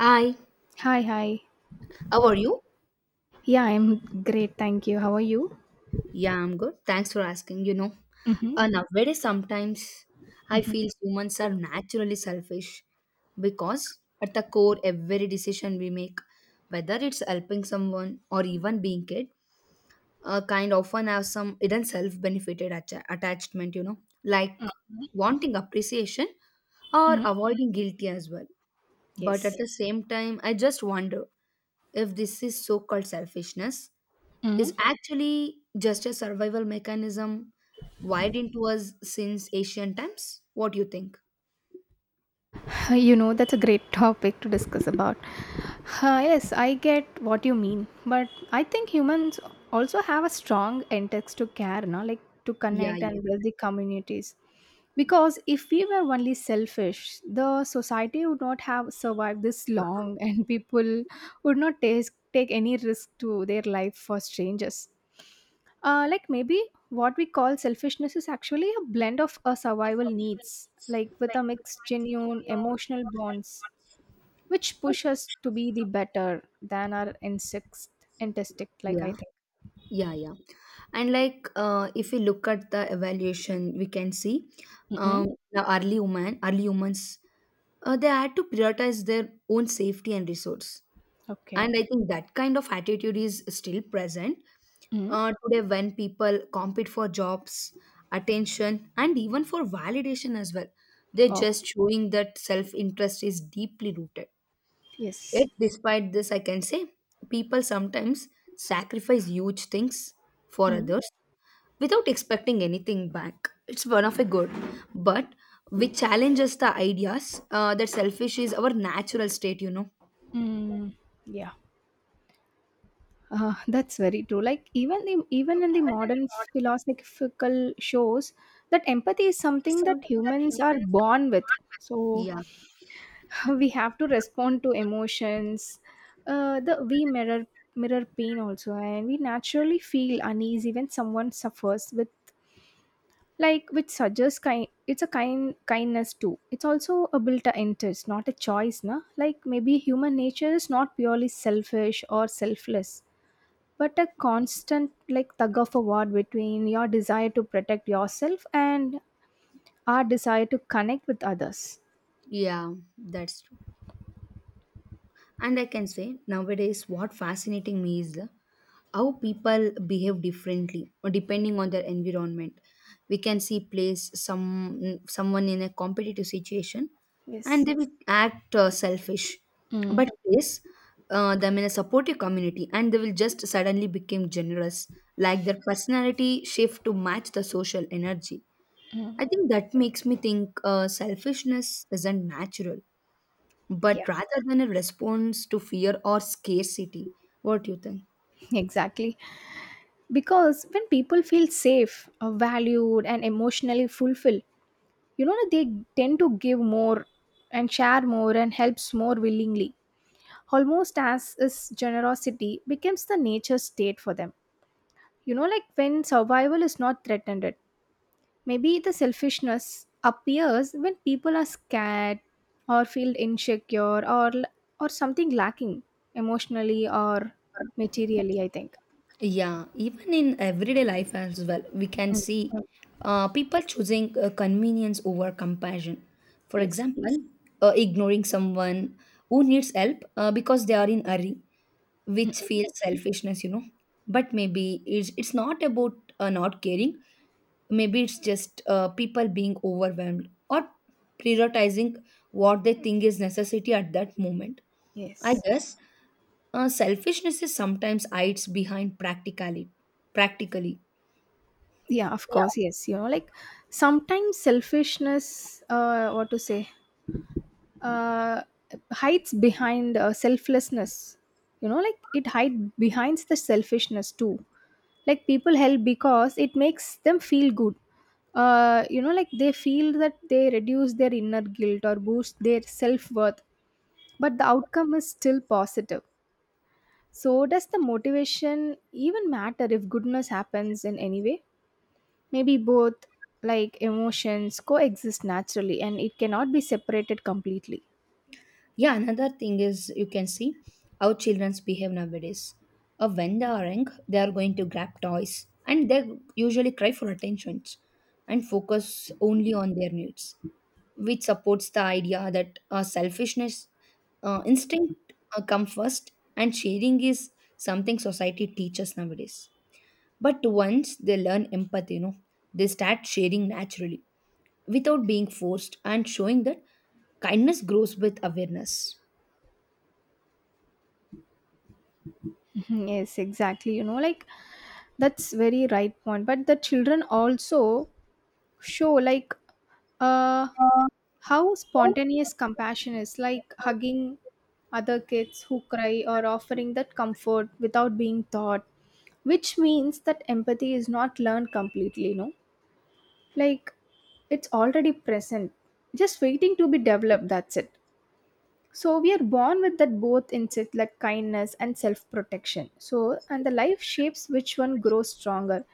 Hi, Hi, hi. how are you? Yeah, I'm great. Thank you. How are you? Yeah, I'm good. Thanks for asking. You know, Mm-hmm. uh, nowadays sometimes I feel humans are naturally selfish because at the core, every decision we make, whether it's helping someone or even being kind often have some hidden self-benefited attachment. Wanting appreciation or Hmm. avoiding guilty as well. But at Yes. the same time, I just wonder if this is so-called selfishness Mm-hmm. is actually just a survival mechanism wired into us since ancient times. What do you think? You know, that's a great topic to discuss about. Yes, I get what you mean, but I think humans also have a strong intent to care, no? Like to Yeah, connect yeah, and build the communities. Because if we were only selfish, the society would not have survived this long, and people would not take any risk to their life for strangers. Like maybe what we call selfishness is actually a blend of our survival needs, like with a mixed genuine emotional bonds, which push us to be the better than our insect instinct. Like I yeah, think. yeah, yeah. And like, if we look at the evaluation, we can see Mm-mm. um, the early humans, they had to prioritize their own safety and resource. Okay. And I think that kind of attitude is still present Mm. Today when people compete for jobs attention and even for validation as well. They're Oh, just showing that self-interest is deeply rooted. Yet yes. despite this, I can say people sometimes sacrifice huge things for Mm. others without expecting anything back. It's one of a good but which challenges the ideas that selfish is our natural state. Mm. Yeah. That's very true. Like even in the modern philosophical shows, that empathy is something that humans are born with. So Yeah, we have to respond to emotions, the we mirror pain also, and we naturally feel uneasy when someone suffers with, like, which suggests kind it's a kindness too. It's also a built interest, not a choice, na. Like maybe human nature is not purely selfish or selfless, but a constant, like, tug of a war between your desire to protect yourself and our desire to connect with others. yeah, that's true. And I can say nowadays, what fascinating me is the how people behave differently or depending on their environment. We can see place someone in a competitive situation, and Yes. they will act selfish, Mm. but place them in a supportive community, and they will just suddenly become generous, like their personality shift to match the social energy. Mm. I think that makes me think selfishness isn't natural but Yeah. rather than a response to fear or scarcity. What do you think? Exactly, because when people feel safe, valued and emotionally fulfilled, you know, they tend to give more and share more and helps more willingly, almost as is generosity becomes the nature state for them, you know, like when survival is not threatened. Maybe the selfishness appears when people are scared, or feel insecure, or something lacking emotionally or materially, I think. Yeah, even in everyday life as well, we can Mm. see people choosing convenience over compassion. For Yes. example, yes. Ignoring someone who needs help because they are in hurry, which feels selfishness. But maybe it's not about not caring, maybe it's just people being overwhelmed or prioritizing what they think is necessity at that moment, I Yes. guess. Selfishness is sometimes hides behind practically. Yeah, of course, yes, you know, like sometimes selfishness, what to say, uh hides behind, selflessness. You know, like it hides behind the selfishness too. Like people help because it makes them feel good. You know, like they feel that they reduce their inner guilt or boost their self-worth, but the outcome is still positive. So does the motivation even matter if goodness happens in any way? Maybe both, like emotions coexist naturally and it cannot be separated completely. Yeah, another thing is you can see how children's behave nowadays. When they are young they are going to grab toys and they usually cry for attention and focus only on their needs, which supports the idea that selfishness instinct come first and sharing is something society teaches nowadays. But once they learn empathy they start sharing naturally without being forced and showing that kindness grows with awareness. Mhm, yes, exactly. You know, like that's very right point. But the children also show, like, uh how spontaneous compassion is, like hugging other kids who cry or offering that comfort without being taught, which means that empathy is not learned completely, no. Like it's already present, just waiting to be developed, that's it. So we are born with that both instinct, like kindness and self-protection, so, and the life shapes which one grows stronger.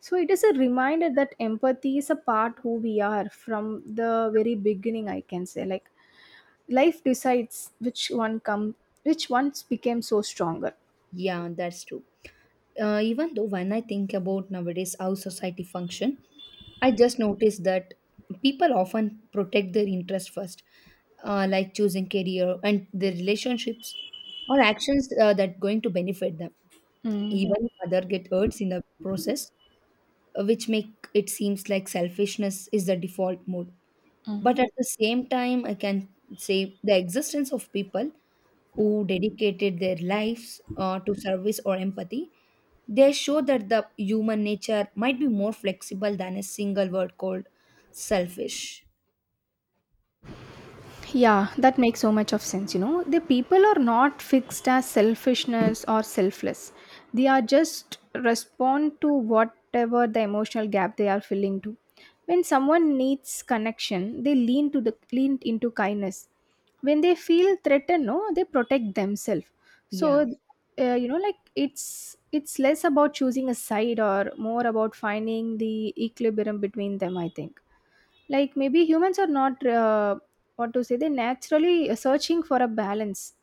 So it is a reminder that empathy is a part who we are from the very beginning, I can say. Like life decides which one come, which once became so stronger. Yeah, that's true. Even though when I think about nowadays how society function, I just noticed that people often protect their interest first, like choosing career and their relationships or actions that going to benefit them. Mm. Even if other get hurts in the process, which make it seems like selfishness is the default mode. But at the same time, I can say the existence of people who dedicated their lives to service or empathy. They show that the human nature might be more flexible than a single word called selfish. Yeah, that makes so much of sense. You know, the people are not fixed as selfishness or selfless. They are just respond to whatever the emotional gap they are filling to. When someone needs connection, they lean to the lean into kindness. When they feel threatened, no, they protect themselves. Yeah. So, you know, like it's less about choosing a side or more about finding the equilibrium between them. I think, like maybe humans are not, what to say, they naturally searching for a balance,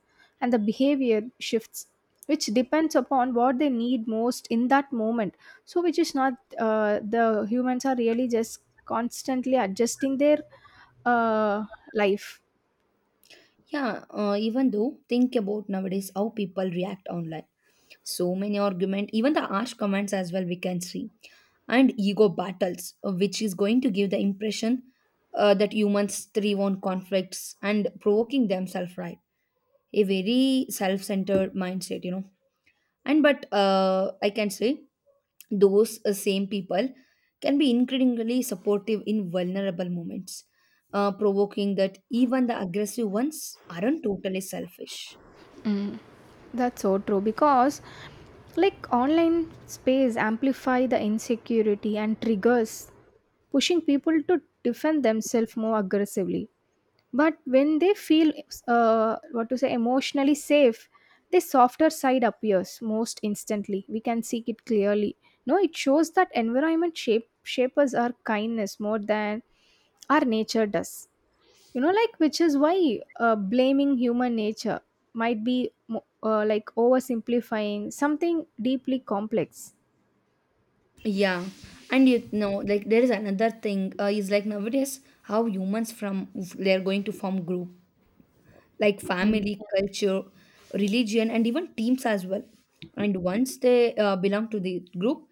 and the behavior shifts, which depends upon what they need most in that moment. So which is not, the humans are really just constantly adjusting their, uh, life. Yeah. Even though, think about nowadays how people react online. So many argument, even the harsh comments as well, we can see. And ego battles, which is going to give the impression that humans thrive on conflicts and provoking themselves, right? A very self centered mindset. And but I can say those same people can be incredibly supportive in vulnerable moments, provoking that even the aggressive ones aren't totally selfish. That's so true, because like online space amplify the insecurity and triggers, pushing people to defend themselves more aggressively. But when they feel, what to say, emotionally safe, the softer side appears most instantly. We can see it clearly. No, it shows that environment shapers our kindness more than our nature does, you know, like which is why, blaming human nature might be like oversimplifying something deeply complex. Yeah, and like there is another thing is like nowadays how humans from they're going to form group like family, culture, religion, and even teams as well. And once they belong to the group,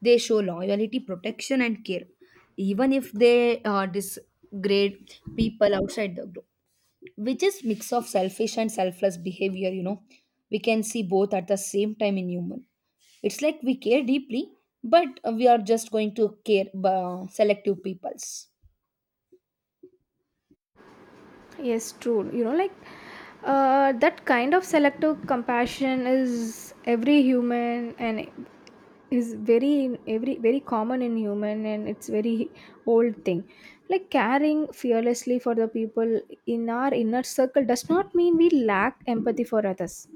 they show loyalty, protection, and care, even if they disgrade people outside the group, which is mix of selfish and selfless behavior. We can see both at the same time in human. It's like we care deeply, but we are just going to care selective peoples. Yes, true. You know, like, that kind of selective compassion is every human, and is very every very common in human, and it's very old thing. Like caring fearlessly for the people in our inner circle does not mean we lack empathy for others.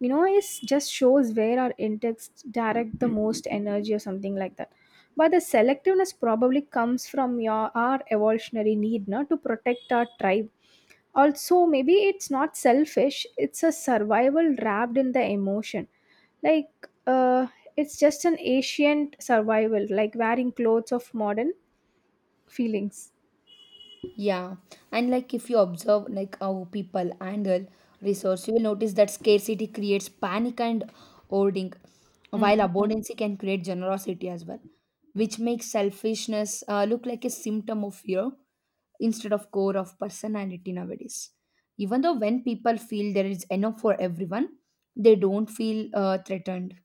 You know, it just shows where our intakes direct the most energy, or something like that. But the selectiveness probably comes from your our evolutionary need not to protect our tribe. Also maybe it's not selfish, it's a survival wrapped in the emotion, like, it's just an ancient survival, like wearing clothes of modern feelings. Yeah, and like if you observe like how people handle resource, you will notice that scarcity creates panic and hoarding, while Mm. abundance can create generosity as well, which makes selfishness look like a symptom of fear instead of core of personality nowadays. Even though when people feel there is enough for everyone, they don't feel threatened.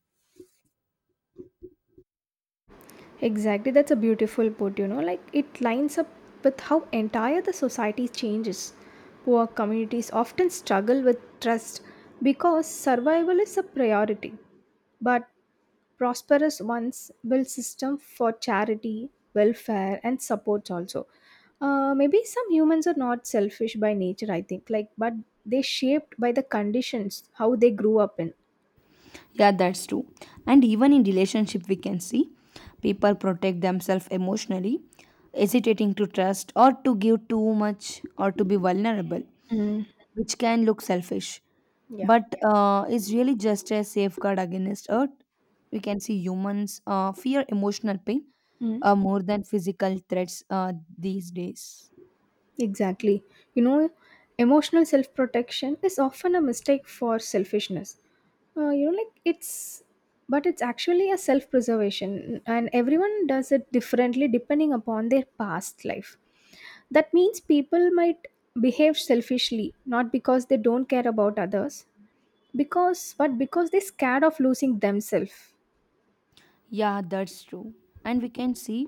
Exactly, that's a beautiful put. You know, like it lines up with how entire the society changes. Poor communities often struggle with trust because survival is a priority, but prosperous ones build system for charity, welfare and support. Also, maybe some humans are not selfish by nature, I think, like, but they shaped by the conditions how they grew up in. Yeah, that's true. And even in relationship, we can see people protect themselves emotionally, hesitating to trust or to give too much or to be vulnerable, Mm. which can look selfish. Yeah. But it's really just a safeguard against hurt. We can see humans fear emotional pain Mm. More than physical threats these days. Exactly, you know, emotional self-protection is often a mistake for selfishness. You know, like it's but it's actually a self-preservation and everyone does it differently depending upon their past life. That means people might behave selfishly, not because they don't care about others, because but because they're scared of losing themselves. Yeah, that's true. And we can see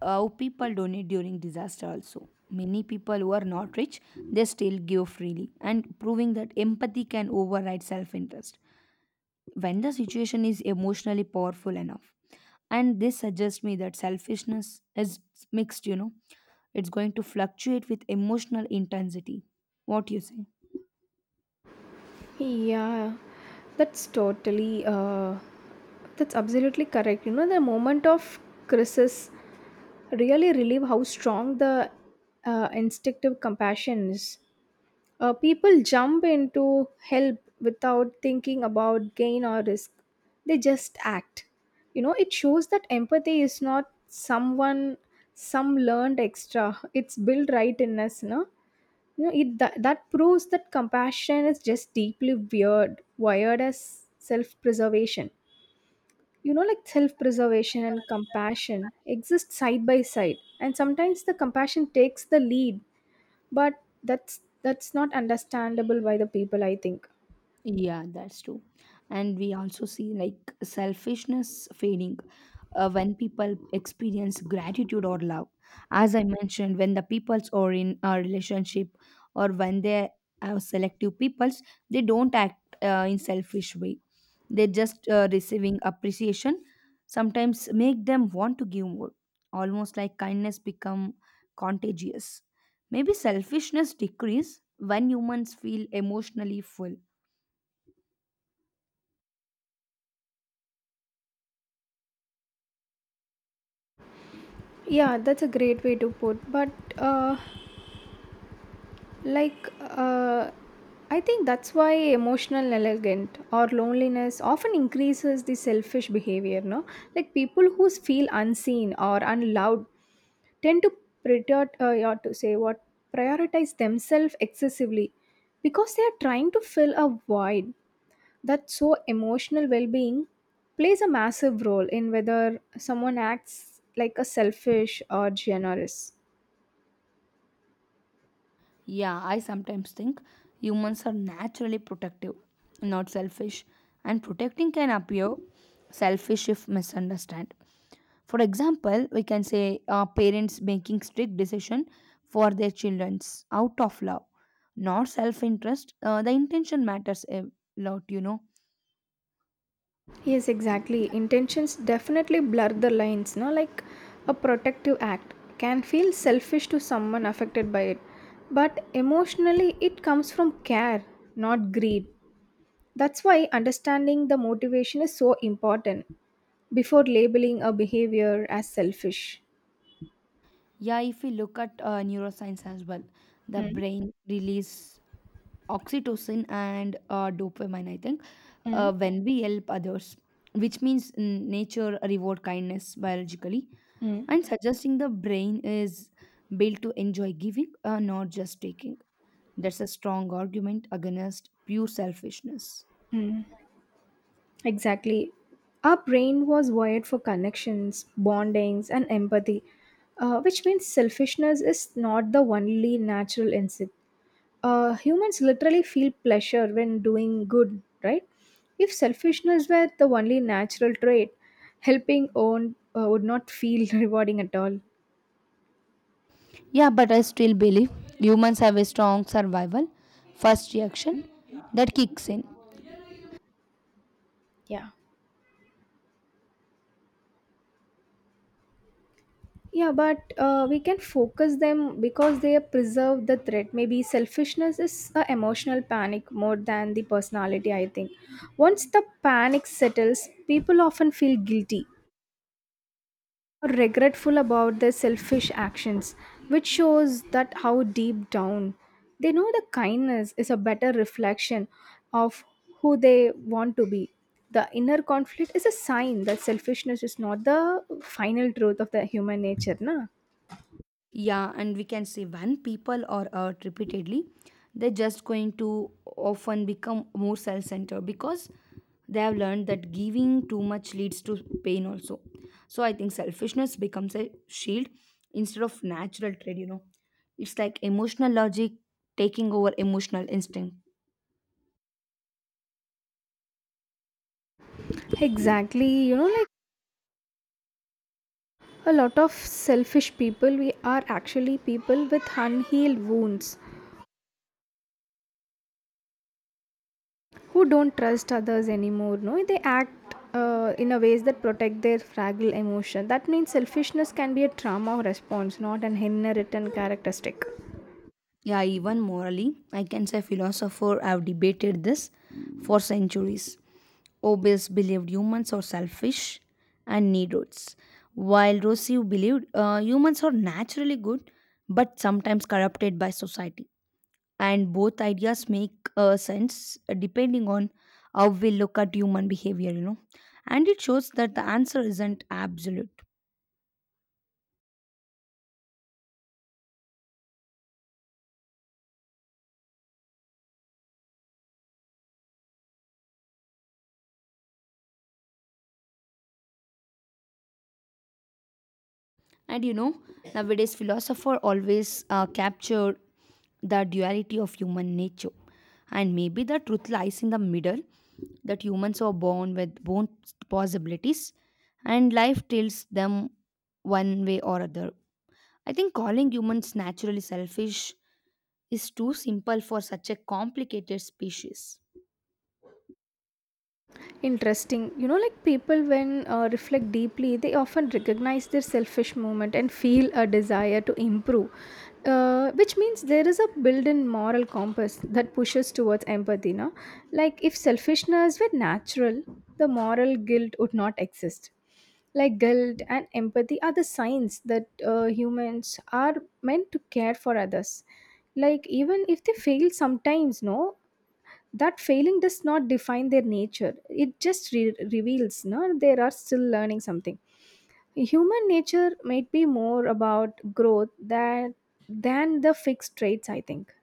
how people donate during disaster also. Many people who are not rich, they still give freely, and proving that empathy can override self interest when the situation is emotionally powerful enough. And this suggests me that selfishness is mixed, it's going to fluctuate with emotional intensity. What do you say? Yeah, that's totally that's absolutely correct. You know, the moment of crisis really relieve how strong the, instinctive compassion is. People jump into help without thinking about gain or risk. They just act. You know, it shows that empathy is not some learned extra. It's built right in us, no? You know, it, that proves that compassion is just deeply wired as self-preservation. You know, like self-preservation and compassion exist side by side, and sometimes the compassion takes the lead, but that's not understandable by the people, I think. Yeah, that's true. And we also see like selfishness fading when people experience gratitude or love. As I mentioned, when the peoples are in a relationship or when they are selective peoples, they don't act in selfish way. They just receiving appreciation sometimes make them want to give more. Almost like kindness become contagious. Maybe selfishness decrease when humans feel emotionally full. Yeah, that's a great way to put, but, uh like uh I think that's why emotional negligent or loneliness often increases the selfish behavior, no. Like people who feel unseen or unloved tend to prior- yeah, to say what prioritize themselves excessively, because they are trying to fill a void. That so emotional well-being plays a massive role in whether someone acts like a selfish or generous. Yeah, I sometimes think humans are naturally protective, not selfish, and protecting can appear selfish if misunderstood. For example, we can say parents making strict decision for their childrens out of love, not self-interest. The intention matters a lot. Yes, exactly, intentions definitely blur the lines, no, like a protective act can feel selfish to someone affected by it, but emotionally it comes from care, not greed. That's why understanding the motivation is so important before labeling a behavior as selfish. Yeah, if we look at neuroscience as well, the Mm. brain release oxytocin and dopamine I think Mm. When we help others which means nature reward kindness biologically Mm. and suggesting the brain is built to enjoy giving, not just taking. That's a strong argument against pure selfishness. Mm. Exactly. Our brain was wired for connections, bondings, and empathy, which means selfishness is not the only natural instinct. Humans literally feel pleasure when doing good, right? If selfishness were the only natural trait, helping own would not feel rewarding at all. Yeah, but I still believe humans have a strong survival first reaction Hmm? that kicks in. Yeah. Yeah, but we can focus them because they preserve the threat. Maybe selfishness is a emotional panic more than the personality, I think. Once the panic settles, people often feel guilty or regretful about their selfish actions, which shows that how deep down they know the kindness is a better reflection of who they want to be. The inner conflict is a sign that selfishness is not the final truth of the human nature, na? Yeah, and we can say when people are hurt repeatedly, they're just going to often become more self centered because they have learned that giving too much leads to pain also. So I think selfishness becomes a shield instead of natural trait. It's like emotional logic taking over emotional instinct. Exactly. You know, like a lot of selfish people, we are actually people with unhealed wounds who don't trust others anymore. No, they act, in a ways that protect their fragile emotion. That means selfishness can be a trauma response, not an inherent characteristic. Yeah, even morally, I can say philosophers have debated this for centuries. Hobbes believed humans are selfish and need roads, while Rousseau believed humans are naturally good but sometimes corrupted by society. And both ideas make sense depending on how we look at human behavior. And it shows that the answer isn't absolute. And nowadays philosopher always capture the duality of human nature. And maybe the truth lies in the middle that humans are born with both possibilities and life tilts them one way or other. I think calling humans naturally selfish is too simple for such a complicated species. Interesting. You know, like people, when reflect deeply, they often recognize their selfish moment and feel a desire to improve, which means there is a built in moral compass that pushes towards empathy. No? Like, if selfishness were natural, the moral guilt would not exist. Like, guilt and empathy are the signs that, humans are meant to care for others, like even if they fail sometimes, no. That failing does not define their nature, it just reveals, no, they are still learning something. Human nature might be more about growth than the fixed traits, I think.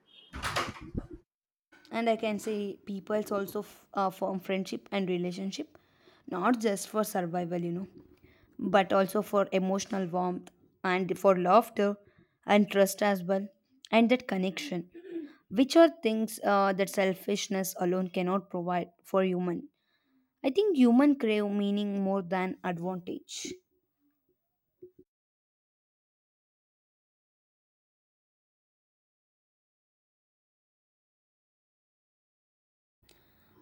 And I can say peoples also form friendship and relationship, not just for survival. But also for emotional warmth and for laughter and trust as well, and that connection, which are things that selfishness alone cannot provide for human. I think human crave meaning more than advantage.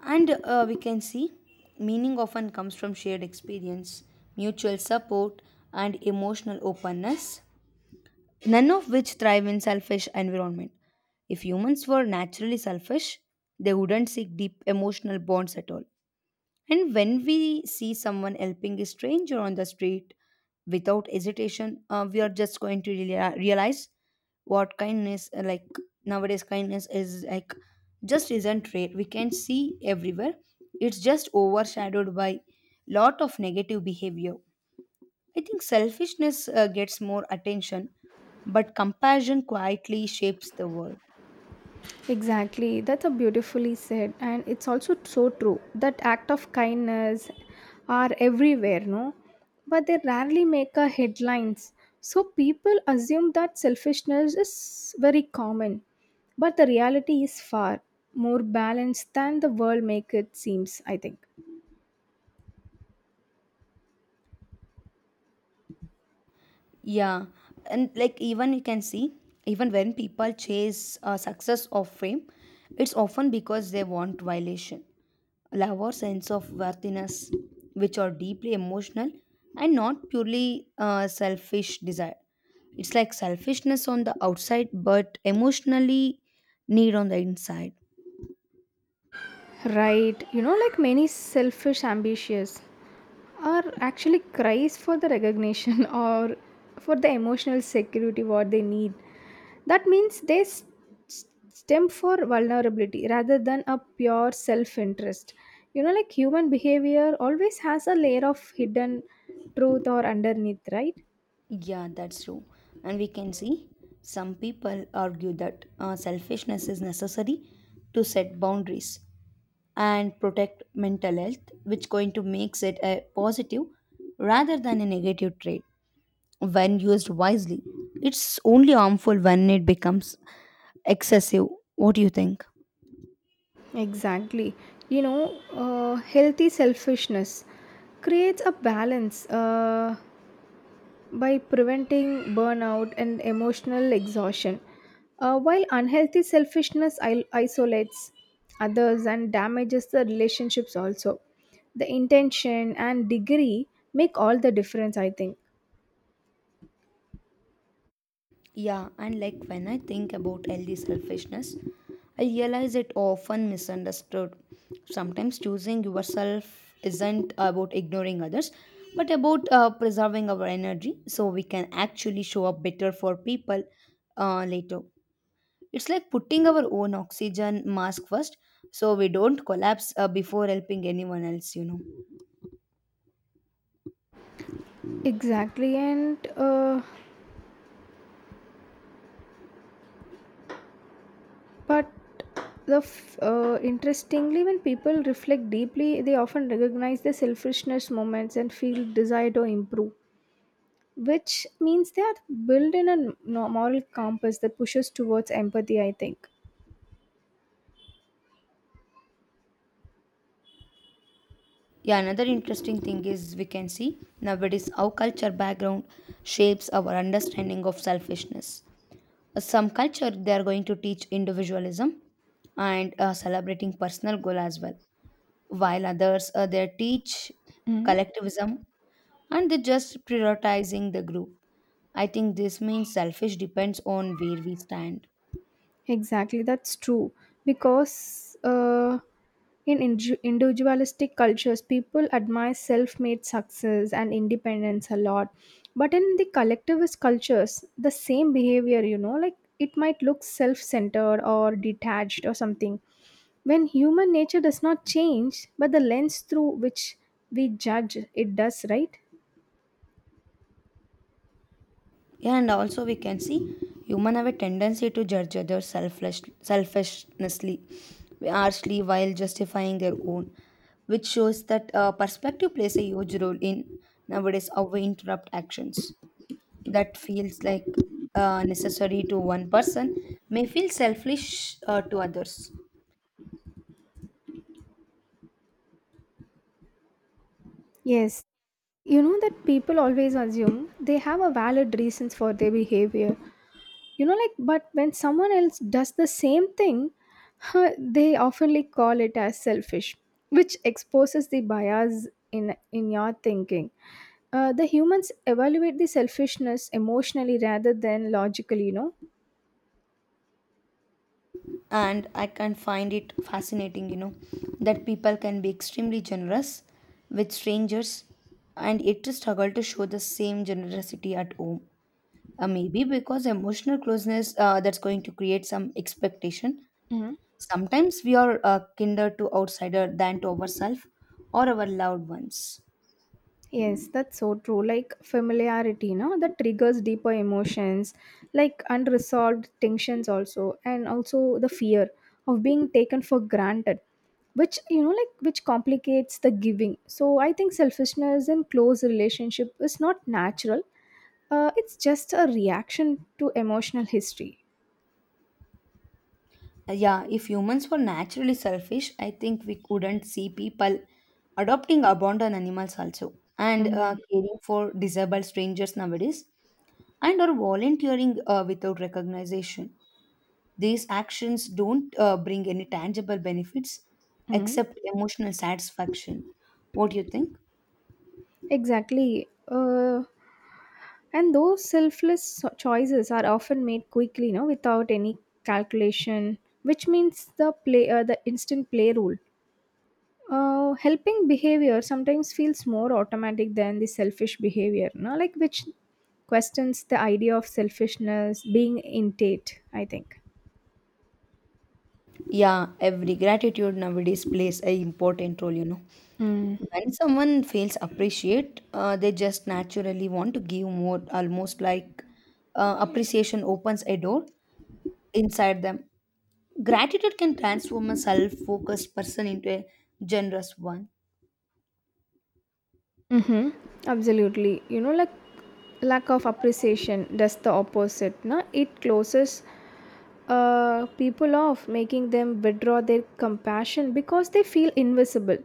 And we can see meaning often comes from shared experience, mutual support, and emotional openness. None of which thrive in selfish environment. If humans were naturally selfish, they wouldn't seek deep emotional bonds at all. And when we see someone helping a stranger on the street without hesitation, we are just going to realize what kindness, like nowadays, kindness is like just isn't rare. We can see everywhere. It's just overshadowed by lot of negative behavior. I think selfishness gets more attention, but compassion quietly shapes the world. Exactly, that's a beautifully said, and it's also so true that act of kindness are everywhere, no? But they rarely make a headlines. So people assume that selfishness is very common, but the reality is far more balanced than the world make it seems, I think. Yeah, and like even you can see, even when people chase success or fame, it's often because they want violation. Love or sense of worthiness, which are deeply emotional and not purely selfish desire. It's like selfishness on the outside, but emotionally need on the inside. Right, you know, like many selfish ambitious are actually cries for the recognition or for the emotional security what they need. That means stem for vulnerability rather than a pure self-interest. You know, like human behavior always has a layer of hidden truth or underneath, right? Yeah, that's true. And we can see some people argue that selfishness is necessary to set boundaries and protect mental health, which going to makes it a positive rather than a negative trait when used wisely. It's only harmful when it becomes excessive. What do you think? Exactly. You know, healthy selfishness creates a balance. By preventing burnout and emotional exhaustion. While unhealthy selfishness isolates others and damages the relationships, also the intention and degree make all the difference, I think. Yeah, and like when I think about healthy selfishness, I realize it often misunderstood. Sometimes choosing yourself isn't about ignoring others, but about preserving our energy so we can actually show up better for people later. It's like putting our own oxygen mask first so we don't collapse before helping anyone else. Exactly, and but the interestingly, when people reflect deeply, they often recognize the selfishness moments and feel desire to improve. Which means they are built in a moral compass that pushes towards empathy, I think. Yeah, another interesting thing is we can see nowadays how culture background shapes our understanding of selfishness. Some culture they are going to teach individualism and celebrating personal goal as well, while others they teach Mm. collectivism and they just prioritizing the group. I think this means selfish depends on where we stand. Exactly, that's true, because, in inju- individualistic cultures people admire self-made success and independence a lot, but in the collectivist cultures the same behavior, you know, like it might look self-centered or detached or something. When human nature does not change, but the lens through which we judge it does, right? Yeah, and also we can see human have a tendency to judge others selfishly, harshly while justifying their own, which shows that perspective plays a huge role in nowadays how we interrupt actions. That feels like necessary to one person may feel selfish to others. Yes, you know that people always assume they have a valid reasons for their behavior. You know, like, but when someone else does the same thing, huh, they oftenly call it as selfish, which exposes the bias in your thinking. The humans evaluate the selfishness emotionally rather than logically. You And I can find it fascinating, that people can be extremely generous with strangers and yet to struggle to show the same generosity at home. Maybe because emotional closeness that's going to create some expectation. know. Sometimes we are kinder to outsider than to ourselves or our loved ones. Yes, that's so true. Like familiarity, no, that triggers deeper emotions, like unresolved tensions also, and also the fear of being taken for granted, which, you know, like which complicates the giving. So I think selfishness in close relationship is not natural. It's just a reaction to emotional history. Yeah, if humans were naturally selfish, I think we couldn't see people adopting abandoned animals also and Mm-hmm. caring for disabled strangers nowadays and or volunteering without recognition. These actions don't bring any tangible benefits except emotional satisfaction. What do you think? Exactly. And those choices are often made quickly, no, without any calculation, which means the play, the instant play rule. Helping behavior sometimes feels more automatic than the selfish behavior, no, like which questions the idea of selfishness being innate. I think. Yeah, every gratitude nowadays plays a important role. Mm. When someone feels appreciate, they just naturally want to give more, almost like appreciation opens a door inside them. Gratitude can transform a self focused person into a generous one. Mm-hmm. Absolutely. You know, like lack of appreciation does the opposite. Na? It closes, people off, making them withdraw their compassion because they feel invisible.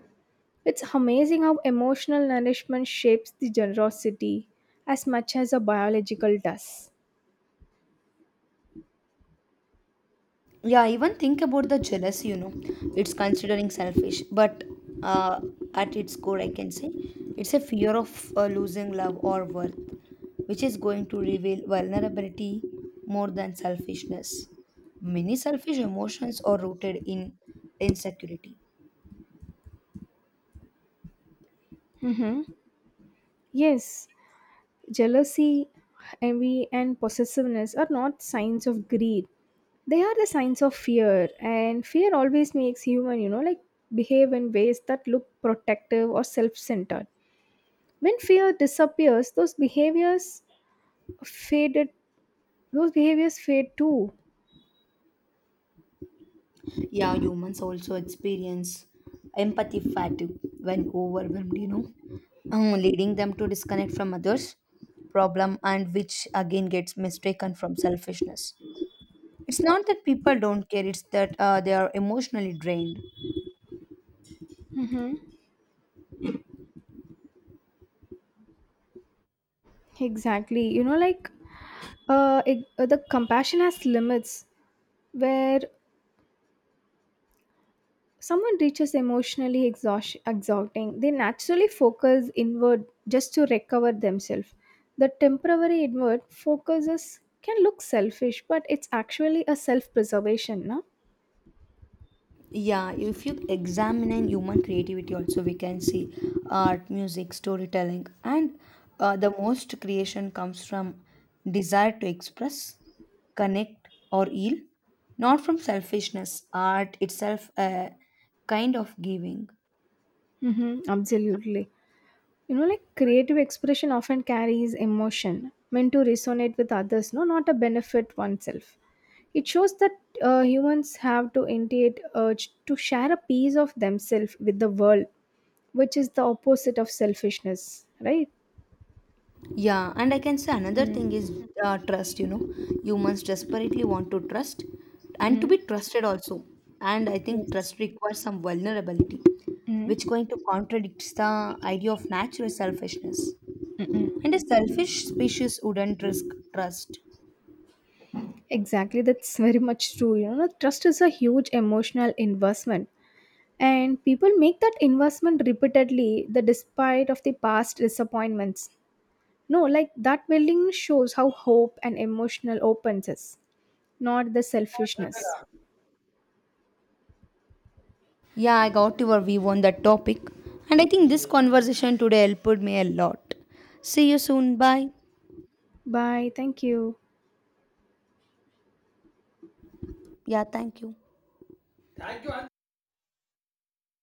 It's amazing how emotional nourishment shapes the generosity as much as a biological does. Yeah, even think about the jealousy it's considering selfish but uh, at its core, I can say it's a fear of losing love or worth, which is going to reveal vulnerability more than selfishness. Many selfish emotions are rooted in insecurity. Hmm. Yes, jealousy, envy, and possessiveness are not signs of greed. They are the signs of fear, and fear always makes human, you know, like behave in ways that look protective or self-centered. When fear disappears, faded those behaviors fade too. Yeah, humans also experience empathy fatigue when overwhelmed, leading them to disconnect from others' problem and which again gets mistaken from selfishness. It's not that people don't care, it's that they are emotionally drained. Mm-hmm. Exactly, you know, like, the compassion has limits. Where someone reaches emotionally exhausting, they naturally focus inward just to recover themselves. The temporary inward focuses can look selfish, but it's actually a self preservation, no? Yeah, if you examine human creativity also, we can see art music storytelling and the most creation comes from desire to express connect or heal, not from selfishness. Art itself a kind of giving. Mm-hmm, absolutely. You know, like creative expression often carries emotion meant to resonate with others, no, not a benefit oneself. It shows that, humans have to innate urge to share a piece of themselves with the world, which is the opposite of selfishness, right? Yeah, and I can say another Mm. thing is trust. Humans desperately want to trust and to be Mm. trusted also. And I think Yes. trust requires some vulnerability, Mm. which going to contradicts the idea of natural selfishness. Mm. Mm. And a selfish species wouldn't risk trust. Exactly, that's very much true. You know, trust is a huge emotional investment, and people make that investment repeatedly, the despite of the past disappointments. No, like that willingness shows how hope and emotional opens is, not the selfishness. Yeah, I got your view on that topic, and I think this conversation today helped me a lot. See you soon. Bye. Bye. Thank you. Yeah, thank you.